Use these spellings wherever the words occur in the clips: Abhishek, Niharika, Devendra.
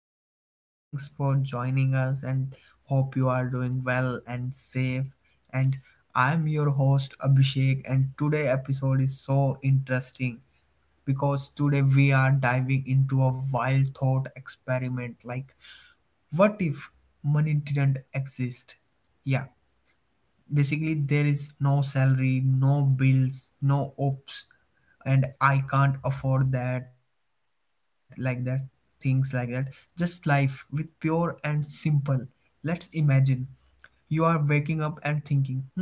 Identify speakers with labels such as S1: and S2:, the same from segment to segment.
S1: podcast, and thanks for joining us. And hope you are doing well and safe. And I'm your host Abhishek, and today episode is so interesting because today we are diving into a wild thought experiment. Like, what if money didn't exist? Yeah, basically there is no salary, no bills, no ops, and I can't afford that, like that, things like that, just life with pure and simple. Let's imagine you are waking up and thinking, hmm,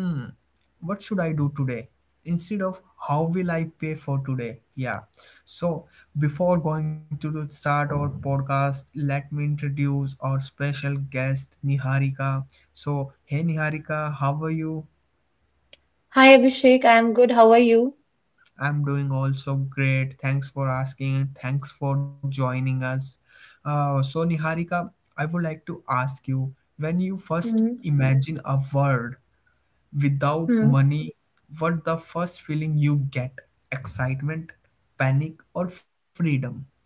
S1: what should I do today? Instead of how will I pay for today? Yeah. So before going to the start our podcast, let me introduce our special guest Niharika. So hey Niharika, how are you?
S2: Hi Abhishek, I am good. How are you?
S1: I'm doing also great. Thanks for asking and thanks for joining us. So Niharika, I would like to ask you when you first
S2: Hmm.
S1: imagine a word without
S2: Hmm.
S1: money, what the first feeling you get? Excitement, panic, or freedom? Yeah.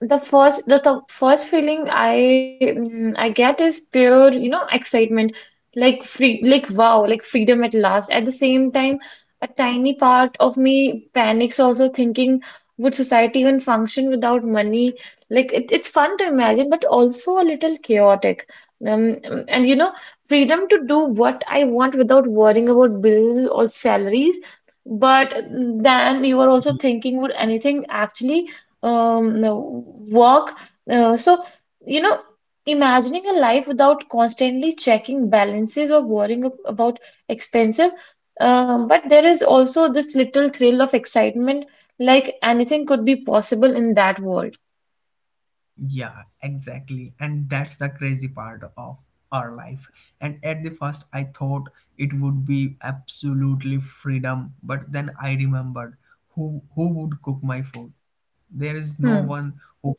S2: The first feeling I get is pure, you know, excitement, like free, like wow, like freedom at last. At the same time, a tiny part of me panics also thinking, would society even function without money? Like it's fun to imagine, but also a little chaotic. And freedom to do what I want without worrying about bills or salaries. But then you are also thinking, would anything actually? No, work uh, so you know Imagining a life without constantly checking balances or worrying about expenses, but there is also this little thrill of excitement like anything could be possible in that world
S1: Yeah, exactly. And that's the crazy part of our life. And at the first, I thought it would be absolutely freedom, but then I remembered who would cook my food. There is no one
S2: hmm.
S1: who can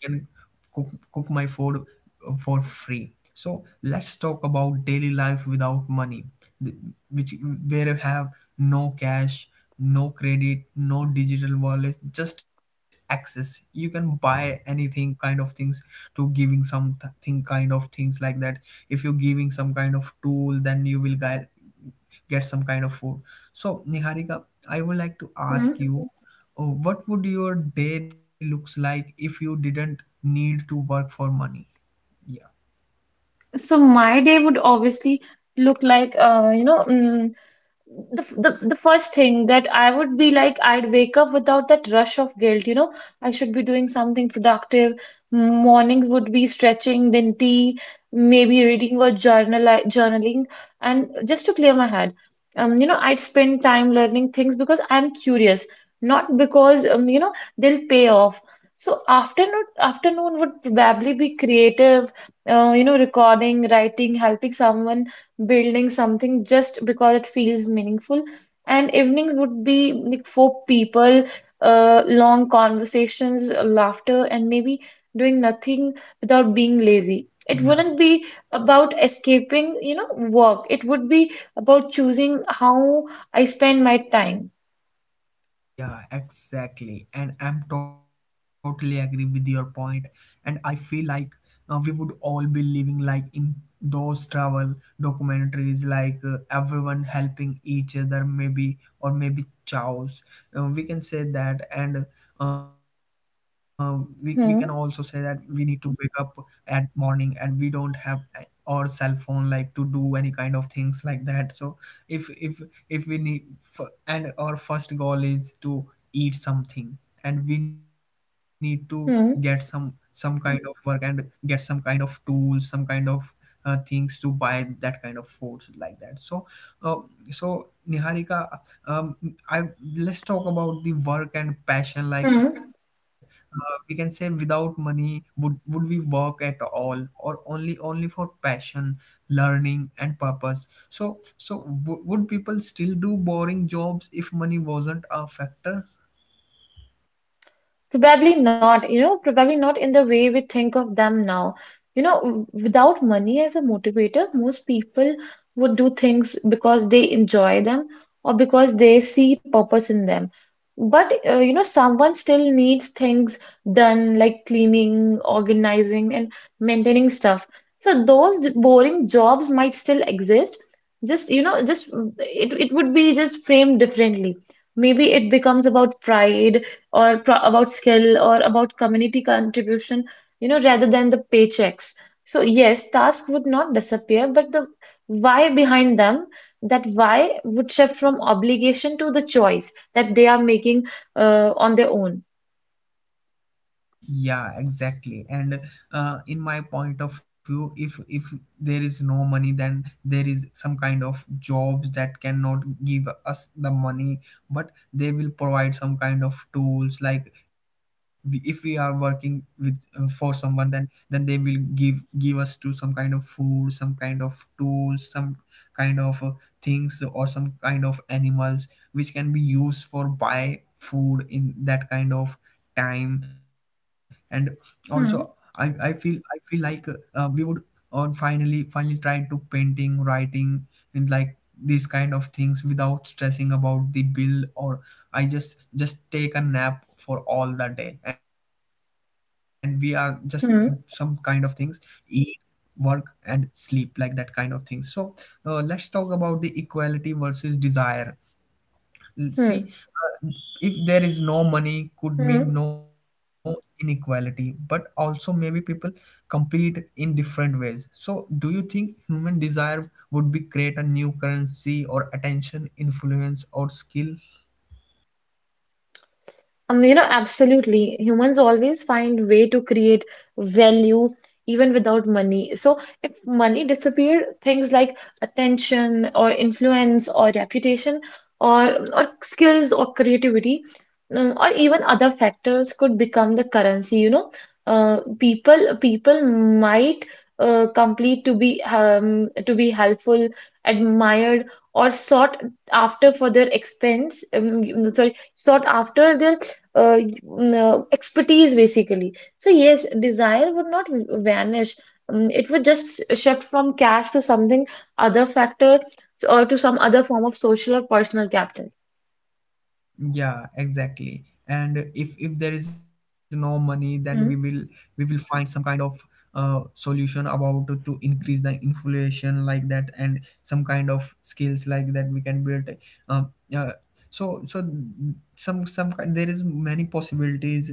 S1: cook cook my food for free. So let's talk about daily life without money, th- which where you have no cash, no credit, no digital wallet, just access. You can buy anything kind of things to giving some thing kind of things like that. If you're giving some kind of tool, then you will get some kind of food. So Niharika, I would like to ask
S2: Hmm.
S1: you, what would your day looks like if you didn't need to work for money? Yeah.
S2: My day would obviously look like you know the, f- the first thing that I would be like, I'd wake up without that rush of guilt, you know, I should be doing something productive. Mornings would be stretching, then tea, maybe reading or journaling, and just to clear my head. You know, I'd spend time learning things because I'm curious, not because you know, they'll pay off. So afternoon would probably be creative, you know, recording, writing, helping someone building something just because it feels meaningful. And evenings would be like for people, long conversations, laughter, and maybe doing nothing without being lazy. It
S1: Yeah.
S2: wouldn't be about escaping, you know, work. It would be about choosing how I spend my time.
S1: Yeah, exactly. And I'm totally agree with your point. And I feel like we would all be living like in those travel documentaries, like everyone helping each other, maybe, or maybe chows. We can say that. And we can also say that we need
S2: 嗯
S1: to wake up at morning, and we don't have our cell phone like to do any kind of things like that. So if if we need and our first goal is to eat something, and we need to get some
S2: 嗯
S1: kind of work and get some kind of tools, some kind of things to buy that kind of foods like that. So uh, so Niharika, um, I, let's talk about the work and passion. Like,
S2: 嗯。
S1: we can say without money would we work at all, or only only for passion, learning and purpose? So, so would people still do boring jobs if money wasn't a factor?
S2: Probably not, you know, probably not in the way we think of them now. You know, without money as a motivator, most people would do things because they enjoy them or because they see purpose in them. But, you know, someone still needs things done like cleaning, organizing, and maintaining stuff. So those boring jobs might still exist. Just, you know, just it would be just framed differently. Maybe it becomes about pride or pro about skill or about community contribution, you know, rather than the paychecks. So yes, tasks would not disappear, but the why behind them, that why would shift from obligation to the choice that they are making on their own.
S1: Yeah, exactly. And in my point of view, if there is no money, then there is some kind of jobs that cannot give us the money, but they will provide some kind of tools. Like we, if we are working with for someone, then they will give us to some kind of food, some kind of tools, some kind of things, or some kind of animals which can be used for buy food in that kind of time. And also, i i
S2: Hmm,
S1: feel i feel like we would on finally finally try to painting, writing, and like these kind of things without stressing about the bill. Or I just take a nap for all the day, and we are just some kind of things,
S2: hmm,
S1: eat, work and sleep, like that kind of thing. So let's talk about the equality versus desire.
S2: hmm.
S1: See, if there is no money, could
S2: Hmm.
S1: mean no inequality, but also maybe people compete in different ways. So, do you think human desire would be create a new currency, or attention, influence, or skill?
S2: Um, you know, absolutely. Humans always find way to create value even without money. So if money disappeared, things like attention or influence or reputation or skills or creativity or even other factors could become the currency. You know, people might complete to be helpful, admired, or sought after for their expense. Sorry, sought after their uh, expertise basically. So yes, desire would not vanish. It would just shift from cash to something other factor or to some other form of social or personal capital.
S1: Yeah, exactly. And if there is no money, then
S2: Hmm,
S1: we will find some kind of solution about to increase the inflation like that, and some kind of skills like that we can build. um, uh, so so some kind, there is many possibilities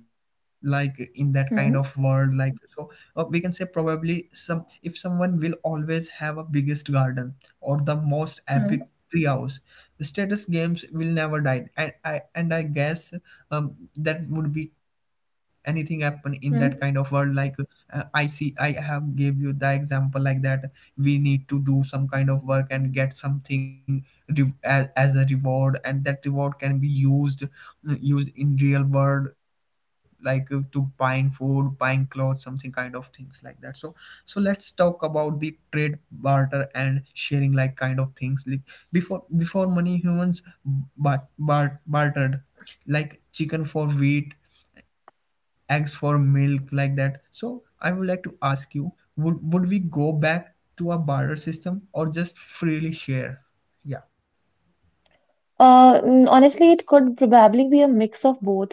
S1: like in that kind of world.
S2: hmm,
S1: Like so, we can say probably some, if someone will always have a biggest garden or the most
S2: hmm,
S1: epic treehouse. Status games will never die, and I guess that would be anything happen in that kind of world.
S2: hmm.
S1: Like I see, I have gave you the example like that. We need to do some kind of work and get something as a reward, and that reward can be used used in real world, like to buying food, buying clothes, something kind of things like that. So so let's talk about the trade, barter and sharing, like kind of things. Like before before money, humans bartered like chicken for wheat, eggs for milk, like that. So I would like to ask you, would we go back to a barter system, or just freely share? Yeah.
S2: Honestly, it could probably be a mix of both.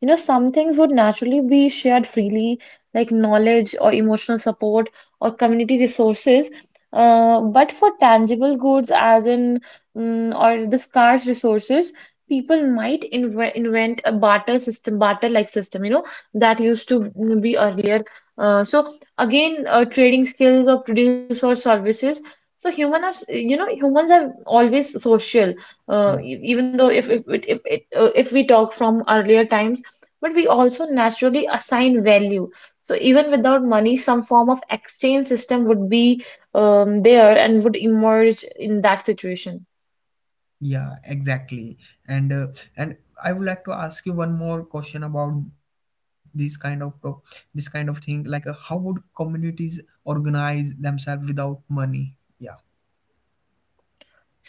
S2: You know, some things would naturally be shared freely, like knowledge or emotional support or community resources. But for tangible goods, as in or the scarce resources, people might invent a barter system, barter-like system, you know, that used to be earlier. So again, trading skills or produce or services. So human are, you know, humans are always social.
S1: Yeah,
S2: Even though if we talk from earlier times but we also naturally assign value. So even without money, some form of exchange system would be there and would emerge in that situation.
S1: yeah, exactly. And and I would like to ask you one more question about this kind of this kind of thing. Like how would communities organize themselves without money? Yeah.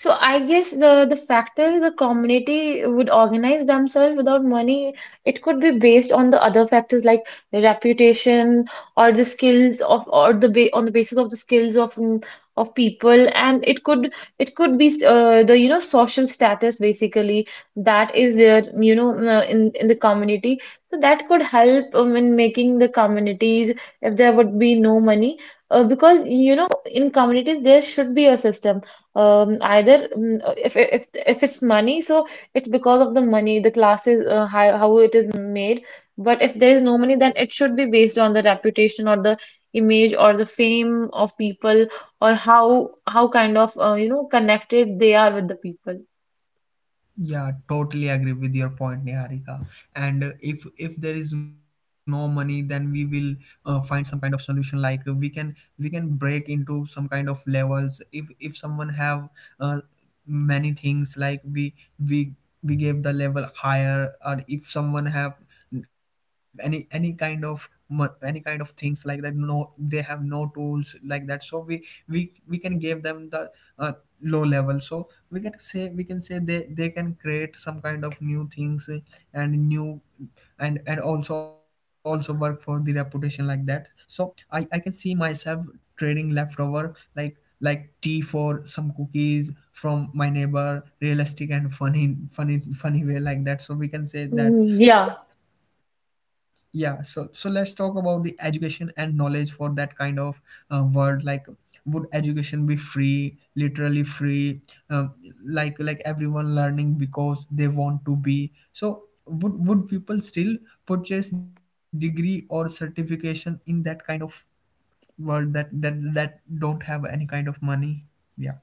S2: So I guess the community would organize themselves without money, it could be based on the other factors like reputation or the skills of or the ba on the basis of the skills of of people and it could be the you know social status basically that is there you know in the community. So that could help in making the communities if there would be no money because you know in communities there should be a system either if if it's money, so it's because of the money, the classes, how it is made. But if there is no money, then it should be based on the reputation or the image or the fame of people or how kind of you know connected they are with the people.
S1: Yeah, totally agree with your point, Niharika. And if there is no money, then we will find some kind of solution. Like we can break into some kind of levels. If someone have uh, many things, like we gave the level higher. Or if someone have any kind of any kind of things like that, no they have no tools like that, so we can give them the uh, low level. So we can say they can create some kind of new things, eh, and new, and also also work for the reputation like that. So I can see myself trading leftover, like tea for some cookies from my neighbor, realistic and funny funny funny way like that, so we can say
S2: Mm,
S1: that.
S2: yeah.
S1: So yeah, so so let's talk about the education and knowledge for that kind of world. Like, would education be free, literally free? Um, like everyone learning because they want to be. So would people still purchase degree or certification in that kind of world that that that don't have any kind of money? Yeah.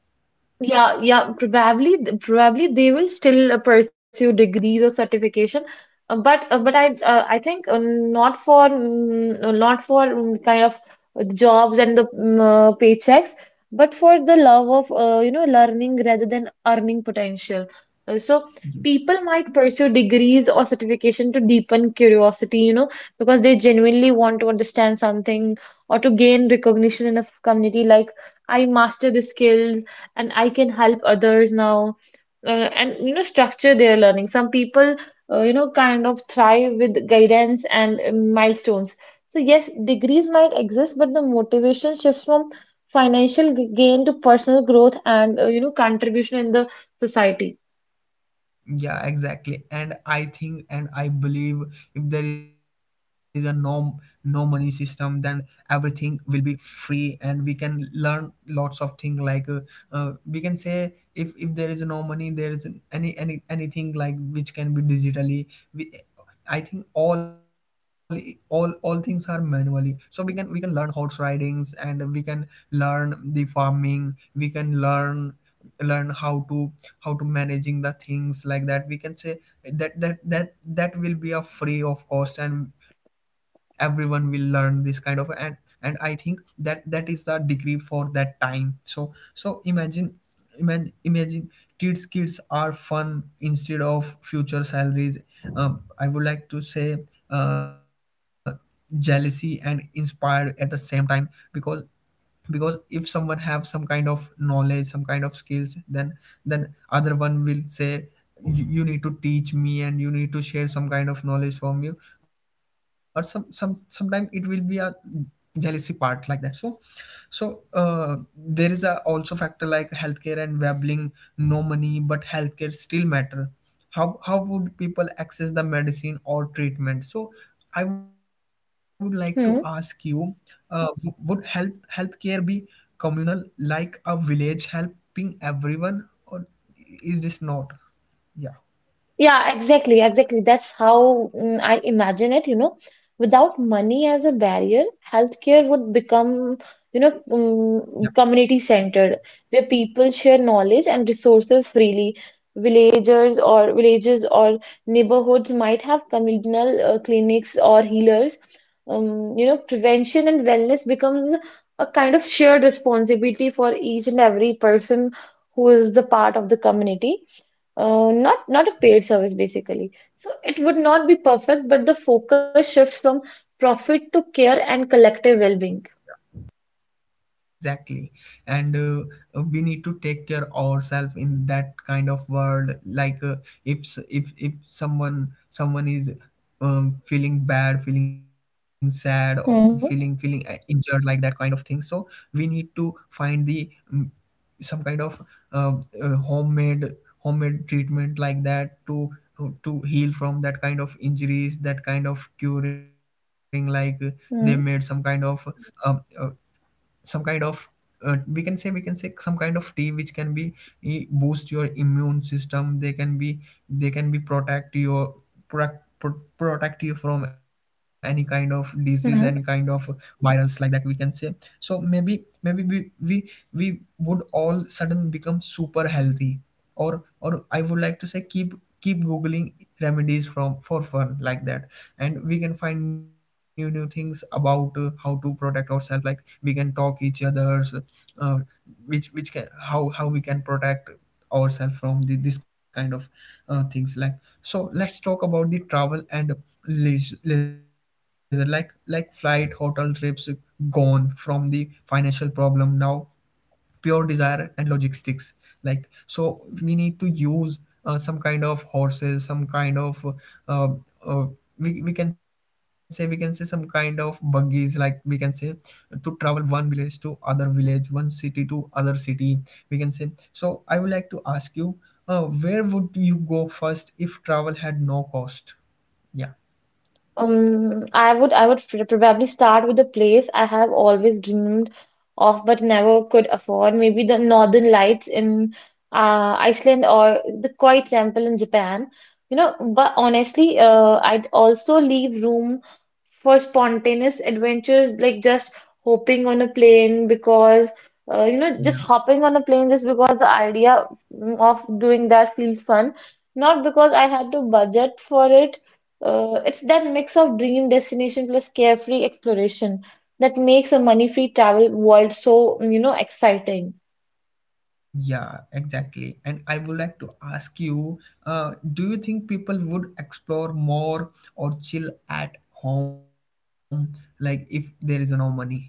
S2: Yeah, yeah, probably, probably they will still pursue degrees or certification, but I think not for kind of jobs and the paychecks, but for the love of you know learning rather than earning potential. So people might pursue degrees or certification to deepen curiosity, you know, because they genuinely want to understand something or to gain recognition in a community like. I master the skills and I can help others now and you know structure their learning. Some people you know kind of thrive with guidance and milestones. So yes, degrees might exist, but the motivation shifts from financial gain to personal growth and you know contribution in the society.
S1: Yeah, exactly. And I think and I believe if there is a no no money system, then everything will be free, and we can learn lots of things. Like we can say if there is no money, there is any anything like which can be digitally, we, I think all things are manually. So we can learn horse ridings, and we can learn the farming. We can learn learn how to managing the things like that, we can say that, that that that will be a free of cost, and everyone will learn this kind of. And I think that that is the degree for that time. So so imagine, imagine, imagine kids kids are fun instead of future salaries. I would like to say uh, jealousy and inspired at the same time, because because if someone have some kind of knowledge, some kind of skills, then other one will say, you need to teach me, and you need to share some kind of knowledge from you. Or some sometimes it will be a jealousy part like that. So so there is a also factor like healthcare and Webling. No money, but healthcare still matter. How would people access the medicine or treatment? So I would like to ask you,
S2: Hmm.
S1: would health healthcare be communal, like a village helping everyone, or is this not? Yeah, yeah.
S2: Yeah, exactly, exactly. That's how I imagine it, you know. Without money as a barrier, healthcare would become, you know, community centered, where people share knowledge and resources freely. Villagers or villages or neighborhoods might have communal clinics or healers. You know, prevention and wellness becomes a kind of shared responsibility for each and every person who is the part of the community. Not not a paid service basically. So it would not be perfect, but the focus shifts from profit to care and collective well-being.
S1: Exactly. and We need to take care ourselves in that kind of world, like, if if someone is feeling bad, feeling sad, or feeling
S2: Hmm.
S1: injured, like that kind of thing. So we need to find the some kind of um, uh, homemade homemade treatment like that to heal from that kind of injuries, that kind of curing. Like, they made um, uh, some kind of we can say some kind of tea which can be, boost your immune system. They can be, they can be protect your protect you from any kind of disease, any kind of
S2: Hmm.
S1: virals, like that, we can say. So maybe we would all sudden become super healthy. Or, I would like to say, keep googling remedies from for fun, like that. And we can find new things about, how to protect ourselves. Like, we can talk each other's uh, which, can, how we can protect ourselves from the, this kind of things. Like, so let's talk about the travel and leisure. Like flight, hotel, trips gone from the financial problem. Now pure desire and logistics, like. So we need to use some kind of horses, some kind of uh, uh, we can say some kind of buggies, like, we can say, to travel one village to other village, one city to other city, we can say. So I would like to ask you, where would you go first if travel had no cost? Yeah.
S2: I would probably start with a place I have always dreamed of but never could afford. Maybe the Northern Lights in Iceland or the Quiet Temple in Japan. You know, but honestly, I'd also leave room for spontaneous adventures, like just hopping on a plane because you know just hopping on a plane just because the idea of doing that feels fun. Not because I had to budget for it it's that mix of dream destination plus carefree exploration that makes a money-free travel world so, you know, exciting.
S1: Yeah, exactly. And I would like to ask you, do you think people would explore more or chill at home, like, if there is no money? Yeah.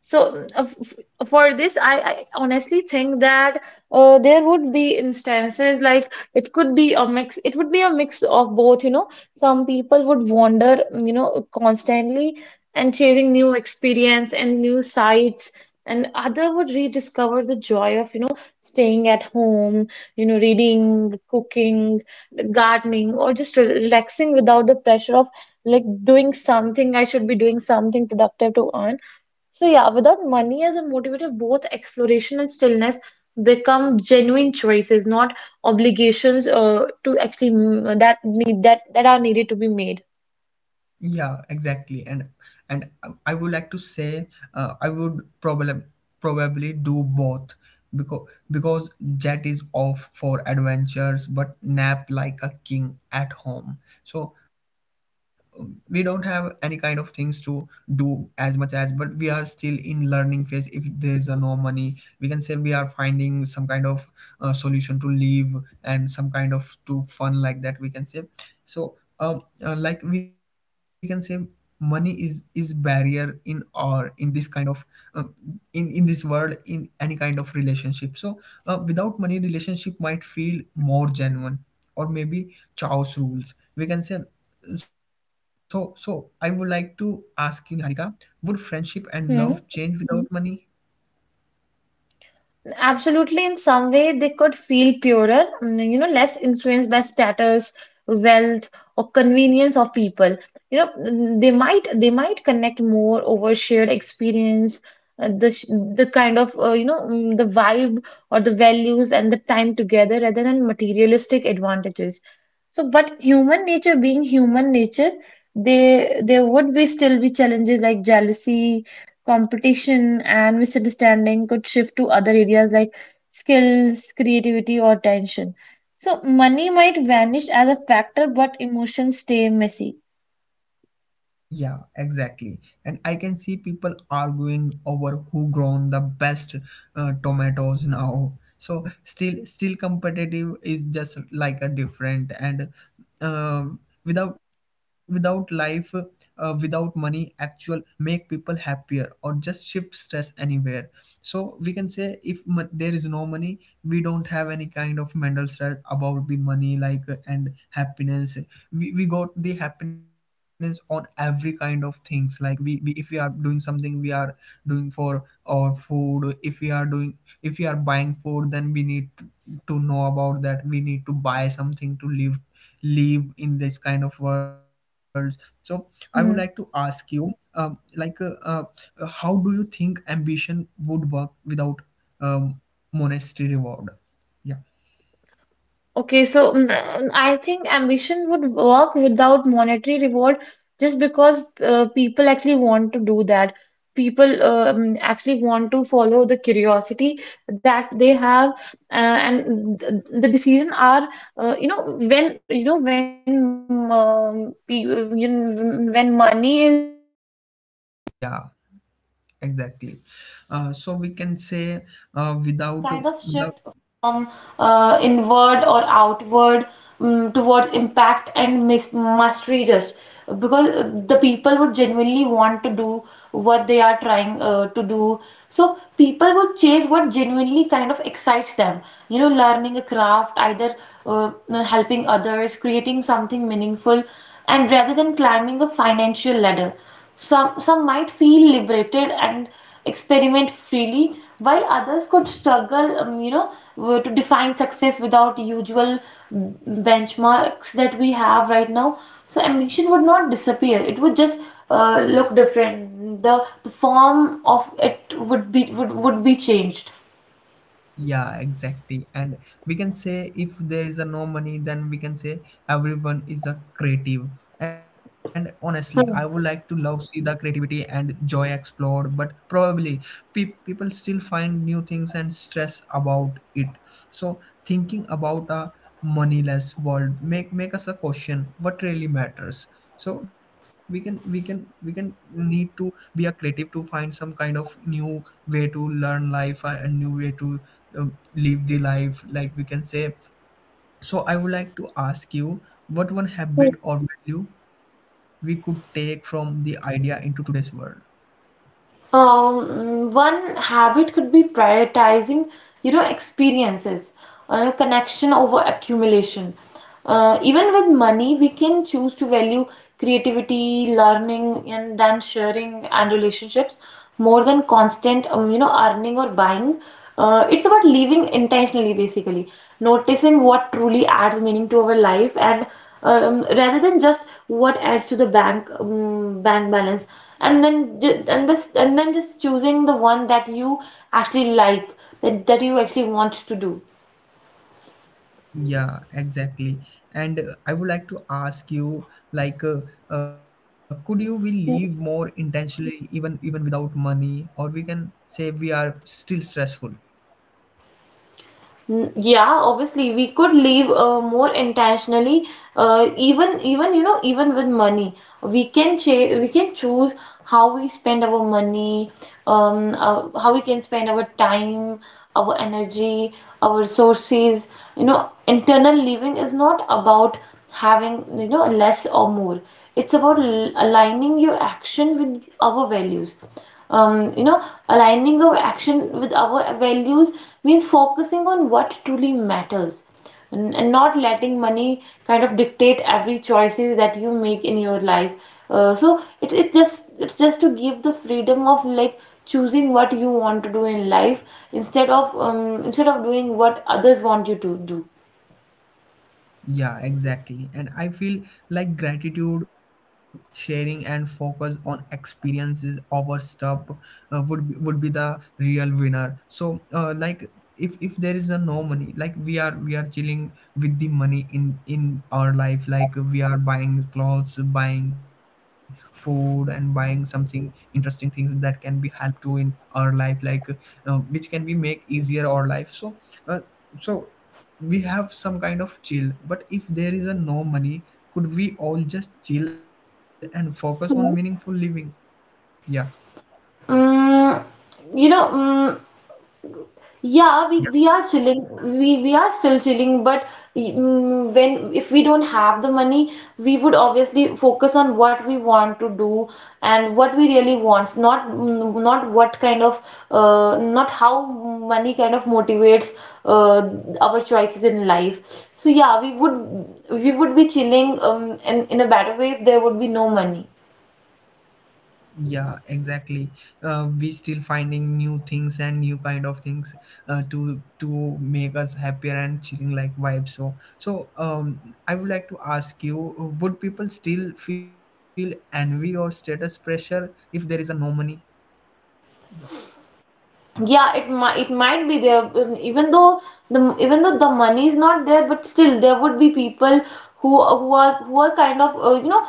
S2: So mm, uh, f- for this, I honestly think that there would be instances like it could be a mix. It would be a mix of both, you know. Some people would wander, you know, constantly and chasing new experience and new sights, and other would rediscover the joy of, you know, staying at home, you know, reading, cooking, gardening, or just relaxing without the pressure of like doing something. I should be doing something productive to earn. So yeah, without money as a motivator, both exploration and stillness become genuine choices, not obligations to actually that need that that are needed to be made.
S1: Yeah, exactly. And I would like to say, I would probably do both, because Jet is off for adventures but nap like a king at home. So we don't have any kind of things to do as much as, but we are still in learning phase. If there's a no money, we can say we are finding some kind of solution to leave and some kind of to fun, like that, we can say. So like, we can say money is barrier in, or in this kind of uh, in this world, in any kind of relationship. So without money, relationship might feel more genuine, or maybe chaos rules, we can say. So I would like to ask you, Niharika, would friendship and love
S2: Hmm.
S1: change without money?
S2: Absolutely, in some way, they could feel purer, you know, less influenced by status, wealth, or convenience of people. You know, they might connect more over shared experience, the kind of the vibe or the values and the time together rather than materialistic advantages. So, but human nature being human nature, they there would be still be challenges like jealousy competition and misunderstanding could shift to other areas like skills, creativity, or tension. So money might vanish as a factor, but emotions stay messy.
S1: Yeah, exactly. And I can see people arguing over who grown the best tomatoes now. So still, competitive is just like a different. And uh, without without money, actual make people happier or just shift stress anywhere. So we can say if there is no money, we don't have any kind of mental stress about the money, like, and happiness we got the happiness on every kind of things. Like, we, if we are doing something, we are doing for our food. If we are doing, if we are buying food, then we need to know about that, we need to buy something to live, live in this kind of world. So I would like to ask
S2: Hmm.
S1: you um, like uh, uh, how do you think ambition would work without um, monetary reward? Yeah.
S2: Okay, so I think ambition would work without monetary reward just because people actually want to do that. People actually want to follow the curiosity that they have, the decision are, you know when pe- you know,
S1: Yeah,
S2: when money
S1: exactly. So we
S2: kind
S1: can
S2: of
S1: say,
S2: shift
S1: without
S2: from
S1: without
S2: inward or outward towards impact and mis mastery just because the people would genuinely want to do what they are trying to do. So people would chase what genuinely kind of excites them. You know, learning a craft, either uh, helping others, creating something meaningful, and rather than climbing a financial ladder. Some might feel liberated and experiment freely, while others could struggle, you know, to define success without usual benchmarks that we have right now. So ambition would not disappear. It would just look different. The form of it would would be changed.
S1: Yeah, exactly. And we can say, if there is a no money, then we can say everyone is a creative. And honestly, I would like to love see the creativity and joy explode, but probably people still find new things and stress about it. So thinking about a moneyless world make us a question what really matters. So we can we can we can need to be a creative to find some kind of new way to learn life, a new way to live the life, like we can say. So I would like to ask you, what one habit or value we could take from the idea into today's world?
S2: One habit could be prioritizing, you know, experiences, connection over accumulation. Even with money, we can choose to value creativity, learning, and then sharing and relationships more than constant, you know, earning or buying. It's about living intentionally, basically, noticing what truly adds meaning to our life, and rather than just what adds to the bank bank balance, and then just choosing the one that you actually like, that you actually want to do.
S1: Yeah, exactly. And I would like to ask you, like, uh, could you be live more intentionally even without money, or we can say we are still stressful?
S2: Mm, yeah, obviously we could live more intentionally, even you know, even with money we can choose how we spend our money, how we can spend our time, our energy, our resources. You know, internal living is not about having, you know, less or more. It's about aligning your action with our values. You know, aligning our action with our values means focusing on what truly matters, and not letting money kind of dictate every choices that you make in your life. So it's just to give the freedom of like choosing what you want to do in life instead of doing what others want you to do.
S1: Yeah, exactly. And I feel like gratitude, sharing, and focus on experiences over stuff would would be the real winner. So, like, if there is a no money, like, we are, we are chilling with the money in our life. Like, we are buying clothes, buying food, and buying something interesting things that can be helped to in our life. Like, which can be make easier our life. So, uh, so we have some kind of chill. But if there is a no money, could we all just chill and focus on meaningful living? Yeah.
S2: Mm, you know. Mm. Yeah, we,
S1: Yeah,
S2: we are chilling. We are still chilling, but mm, when if we don't have the money, we would obviously focus on what we want to do and what we really want, not mm, not what kind of, not how money kind of motivates uh, our choices in life. So yeah, we would be chilling in a better way if there would be no money.
S1: yeah, exactly. We still finding new things and new kind of things to make us happier and chilling like vibe. So so um I would like to ask you, would people still feel envy or status pressure if there is a no money? Yeah,
S2: Yeah, it might be there, even though the money is not there, but still there would be people who are kind of, you know,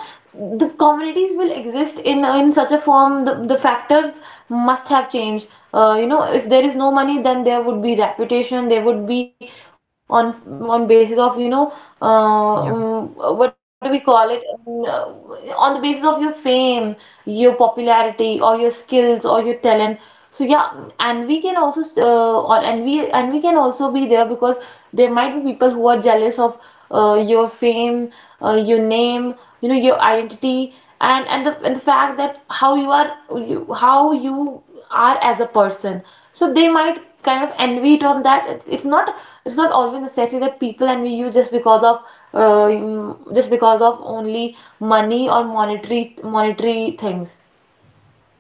S2: the communities will exist in such a form. The factors must have changed. You know, if there is no money, then there would be reputation. There would be, on basis of, you know, uh,
S1: yeah.
S2: um, what do we call it? On the basis of your fame, your popularity, or your skills or your talent. So yeah, and we can also, or and we can also be there because there might be people who are jealous of your fame, your name, you know, your identity, and the fact that how you are, you, how you are as a person. So they might kind of envy it on that. It's not always necessary that people envy you just because of, just because of only money or monetary things.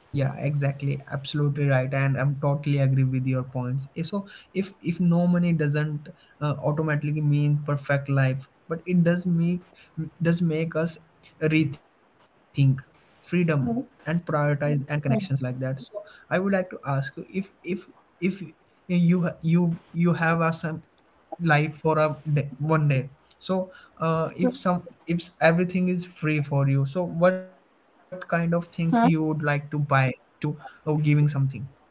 S1: Yeah, exactly. Absolutely right, and I'm totally agree with your points. So, if no money doesn't automatically mean perfect life, but it does make, us rethink freedom and
S2: Hmm.
S1: prioritize. Hmm. And connections, like
S2: Hmm?
S1: that. So I would like to ask you, if you have a some life for a day, one day. So if some if s- everything is free for you, so what kind of things you would like to buy to giving something? Yeah.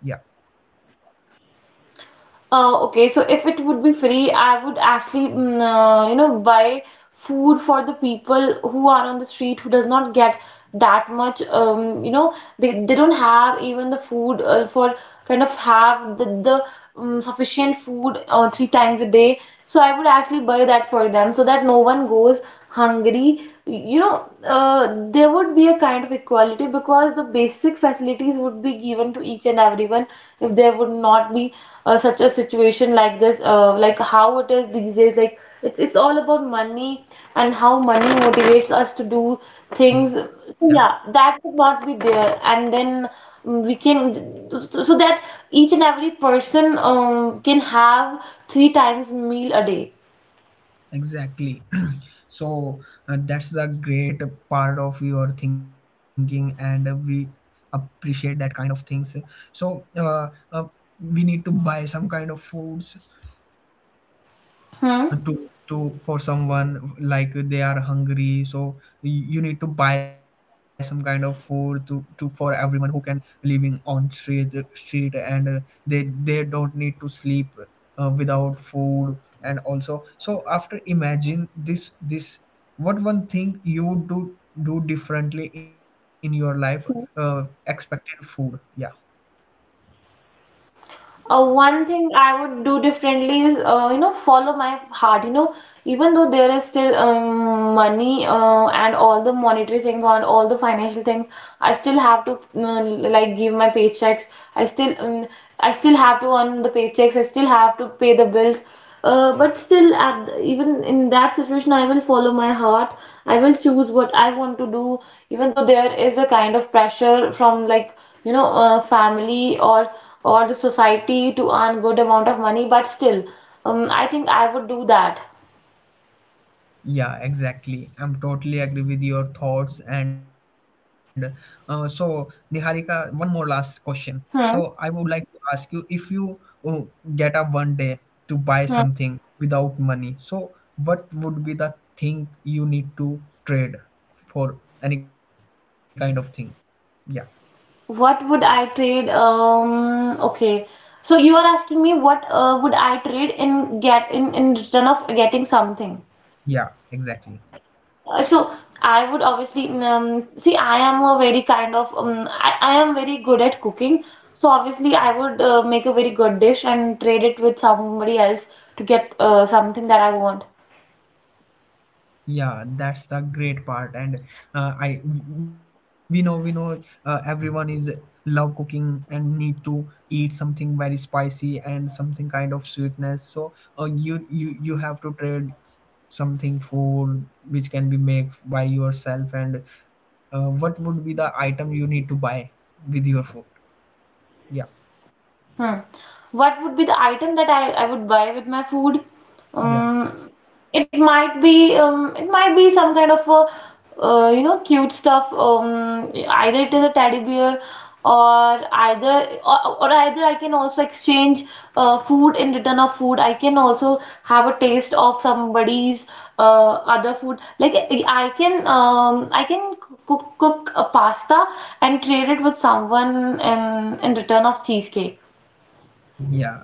S2: Okay, so if it would be free, I would actually, mm, you know, buy food for the people who are on the street who does not get that much, you know, they don't have even the food for kind of have the sufficient food three times a day. So I would actually buy that for them so that no one goes hungry, you know. There would be a kind of equality because the basic facilities would be given to each and everyone, if there would not be such a situation like this, like how it is these days. Like, it's all about money and how money motivates us to do
S1: Yeah,
S2: things. So yeah, that would not be there, and then we can so that each and every person can have three times meal a day.
S1: exactly. So that's the great part of your thinking. And we appreciate that kind of things. So we need to buy some kind of foods
S2: Hmm.
S1: to for someone, like they are hungry. So you need to buy some kind of food to for everyone who can living on street. And they don't need to sleep without food. And also, so after imagine this, what one thing you do, differently in your life expected food? Yeah.
S2: One thing I would do differently is, you know, follow my heart. You know, even though there is still money and all the monetary things on all the financial things, I still have to mm, like give my paychecks. I still um, I still have to earn the paychecks. I still have to pay the bills. But still, even in that situation, I will follow my heart. I will choose what I want to do, even though there is a kind of pressure from, like, you know, family or the society to earn good amount of money. But still, I think I would do that.
S1: Yeah, exactly. I'm totally agree with your thoughts. And so, Niharika, one more last question. So, I
S2: Hmm.
S1: would like to ask you, if you uh, get up one day to buy
S2: Hmm.
S1: something without money, so what would be the thing you need to trade for any kind of thing? Yeah,
S2: What would I trade? Okay. So you are asking me what would I trade in get in return of getting something?
S1: yeah, exactly.
S2: So I would obviously see, I am a very kind of I am very good at cooking. So obviously I would make a very good dish and trade it with somebody else to get something that I want.
S1: Yeah, that's the great part. And I we know everyone is love cooking and need to eat something very spicy and something kind of sweetness. So you have to trade something food which can be made by yourself. And what would be the item you need to buy with your food? Yeah.
S2: Hmm. What would be the item that I would buy with my food?
S1: Yeah,
S2: Um, it might be some kind of a, you know, cute stuff. Either it is a teddy bear or either I can also exchange food in return of food. I can also have a taste of somebody's other food. Like, I can I can cook a pasta and trade it with someone in return of cheesecake.
S1: yeah.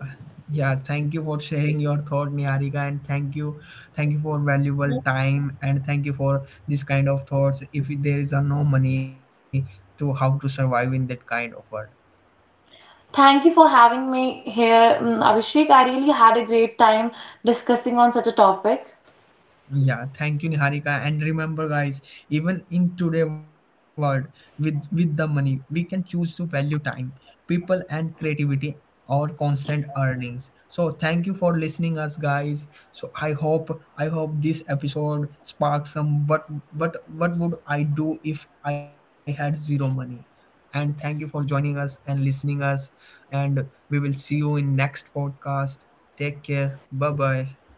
S1: yeah. Thank you for sharing your thought, Niharika, and thank you for valuable time, and thank you for this kind of thoughts. If there is a no money, to how to survive in that kind of world.
S2: Thank you for having me here, mm, Abhishek. I really had a great time discussing on such a topic.
S1: Yeah, thank you, Niharika. And remember, guys, even in today world, with the money, we can choose to value time, people, and creativity or constant earnings. So thank you for listening us, guys. So I hope this episode sparks some what would I do if I had zero money. And thank you for joining us and listening us. And we will see you in next podcast. Take care. Bye bye.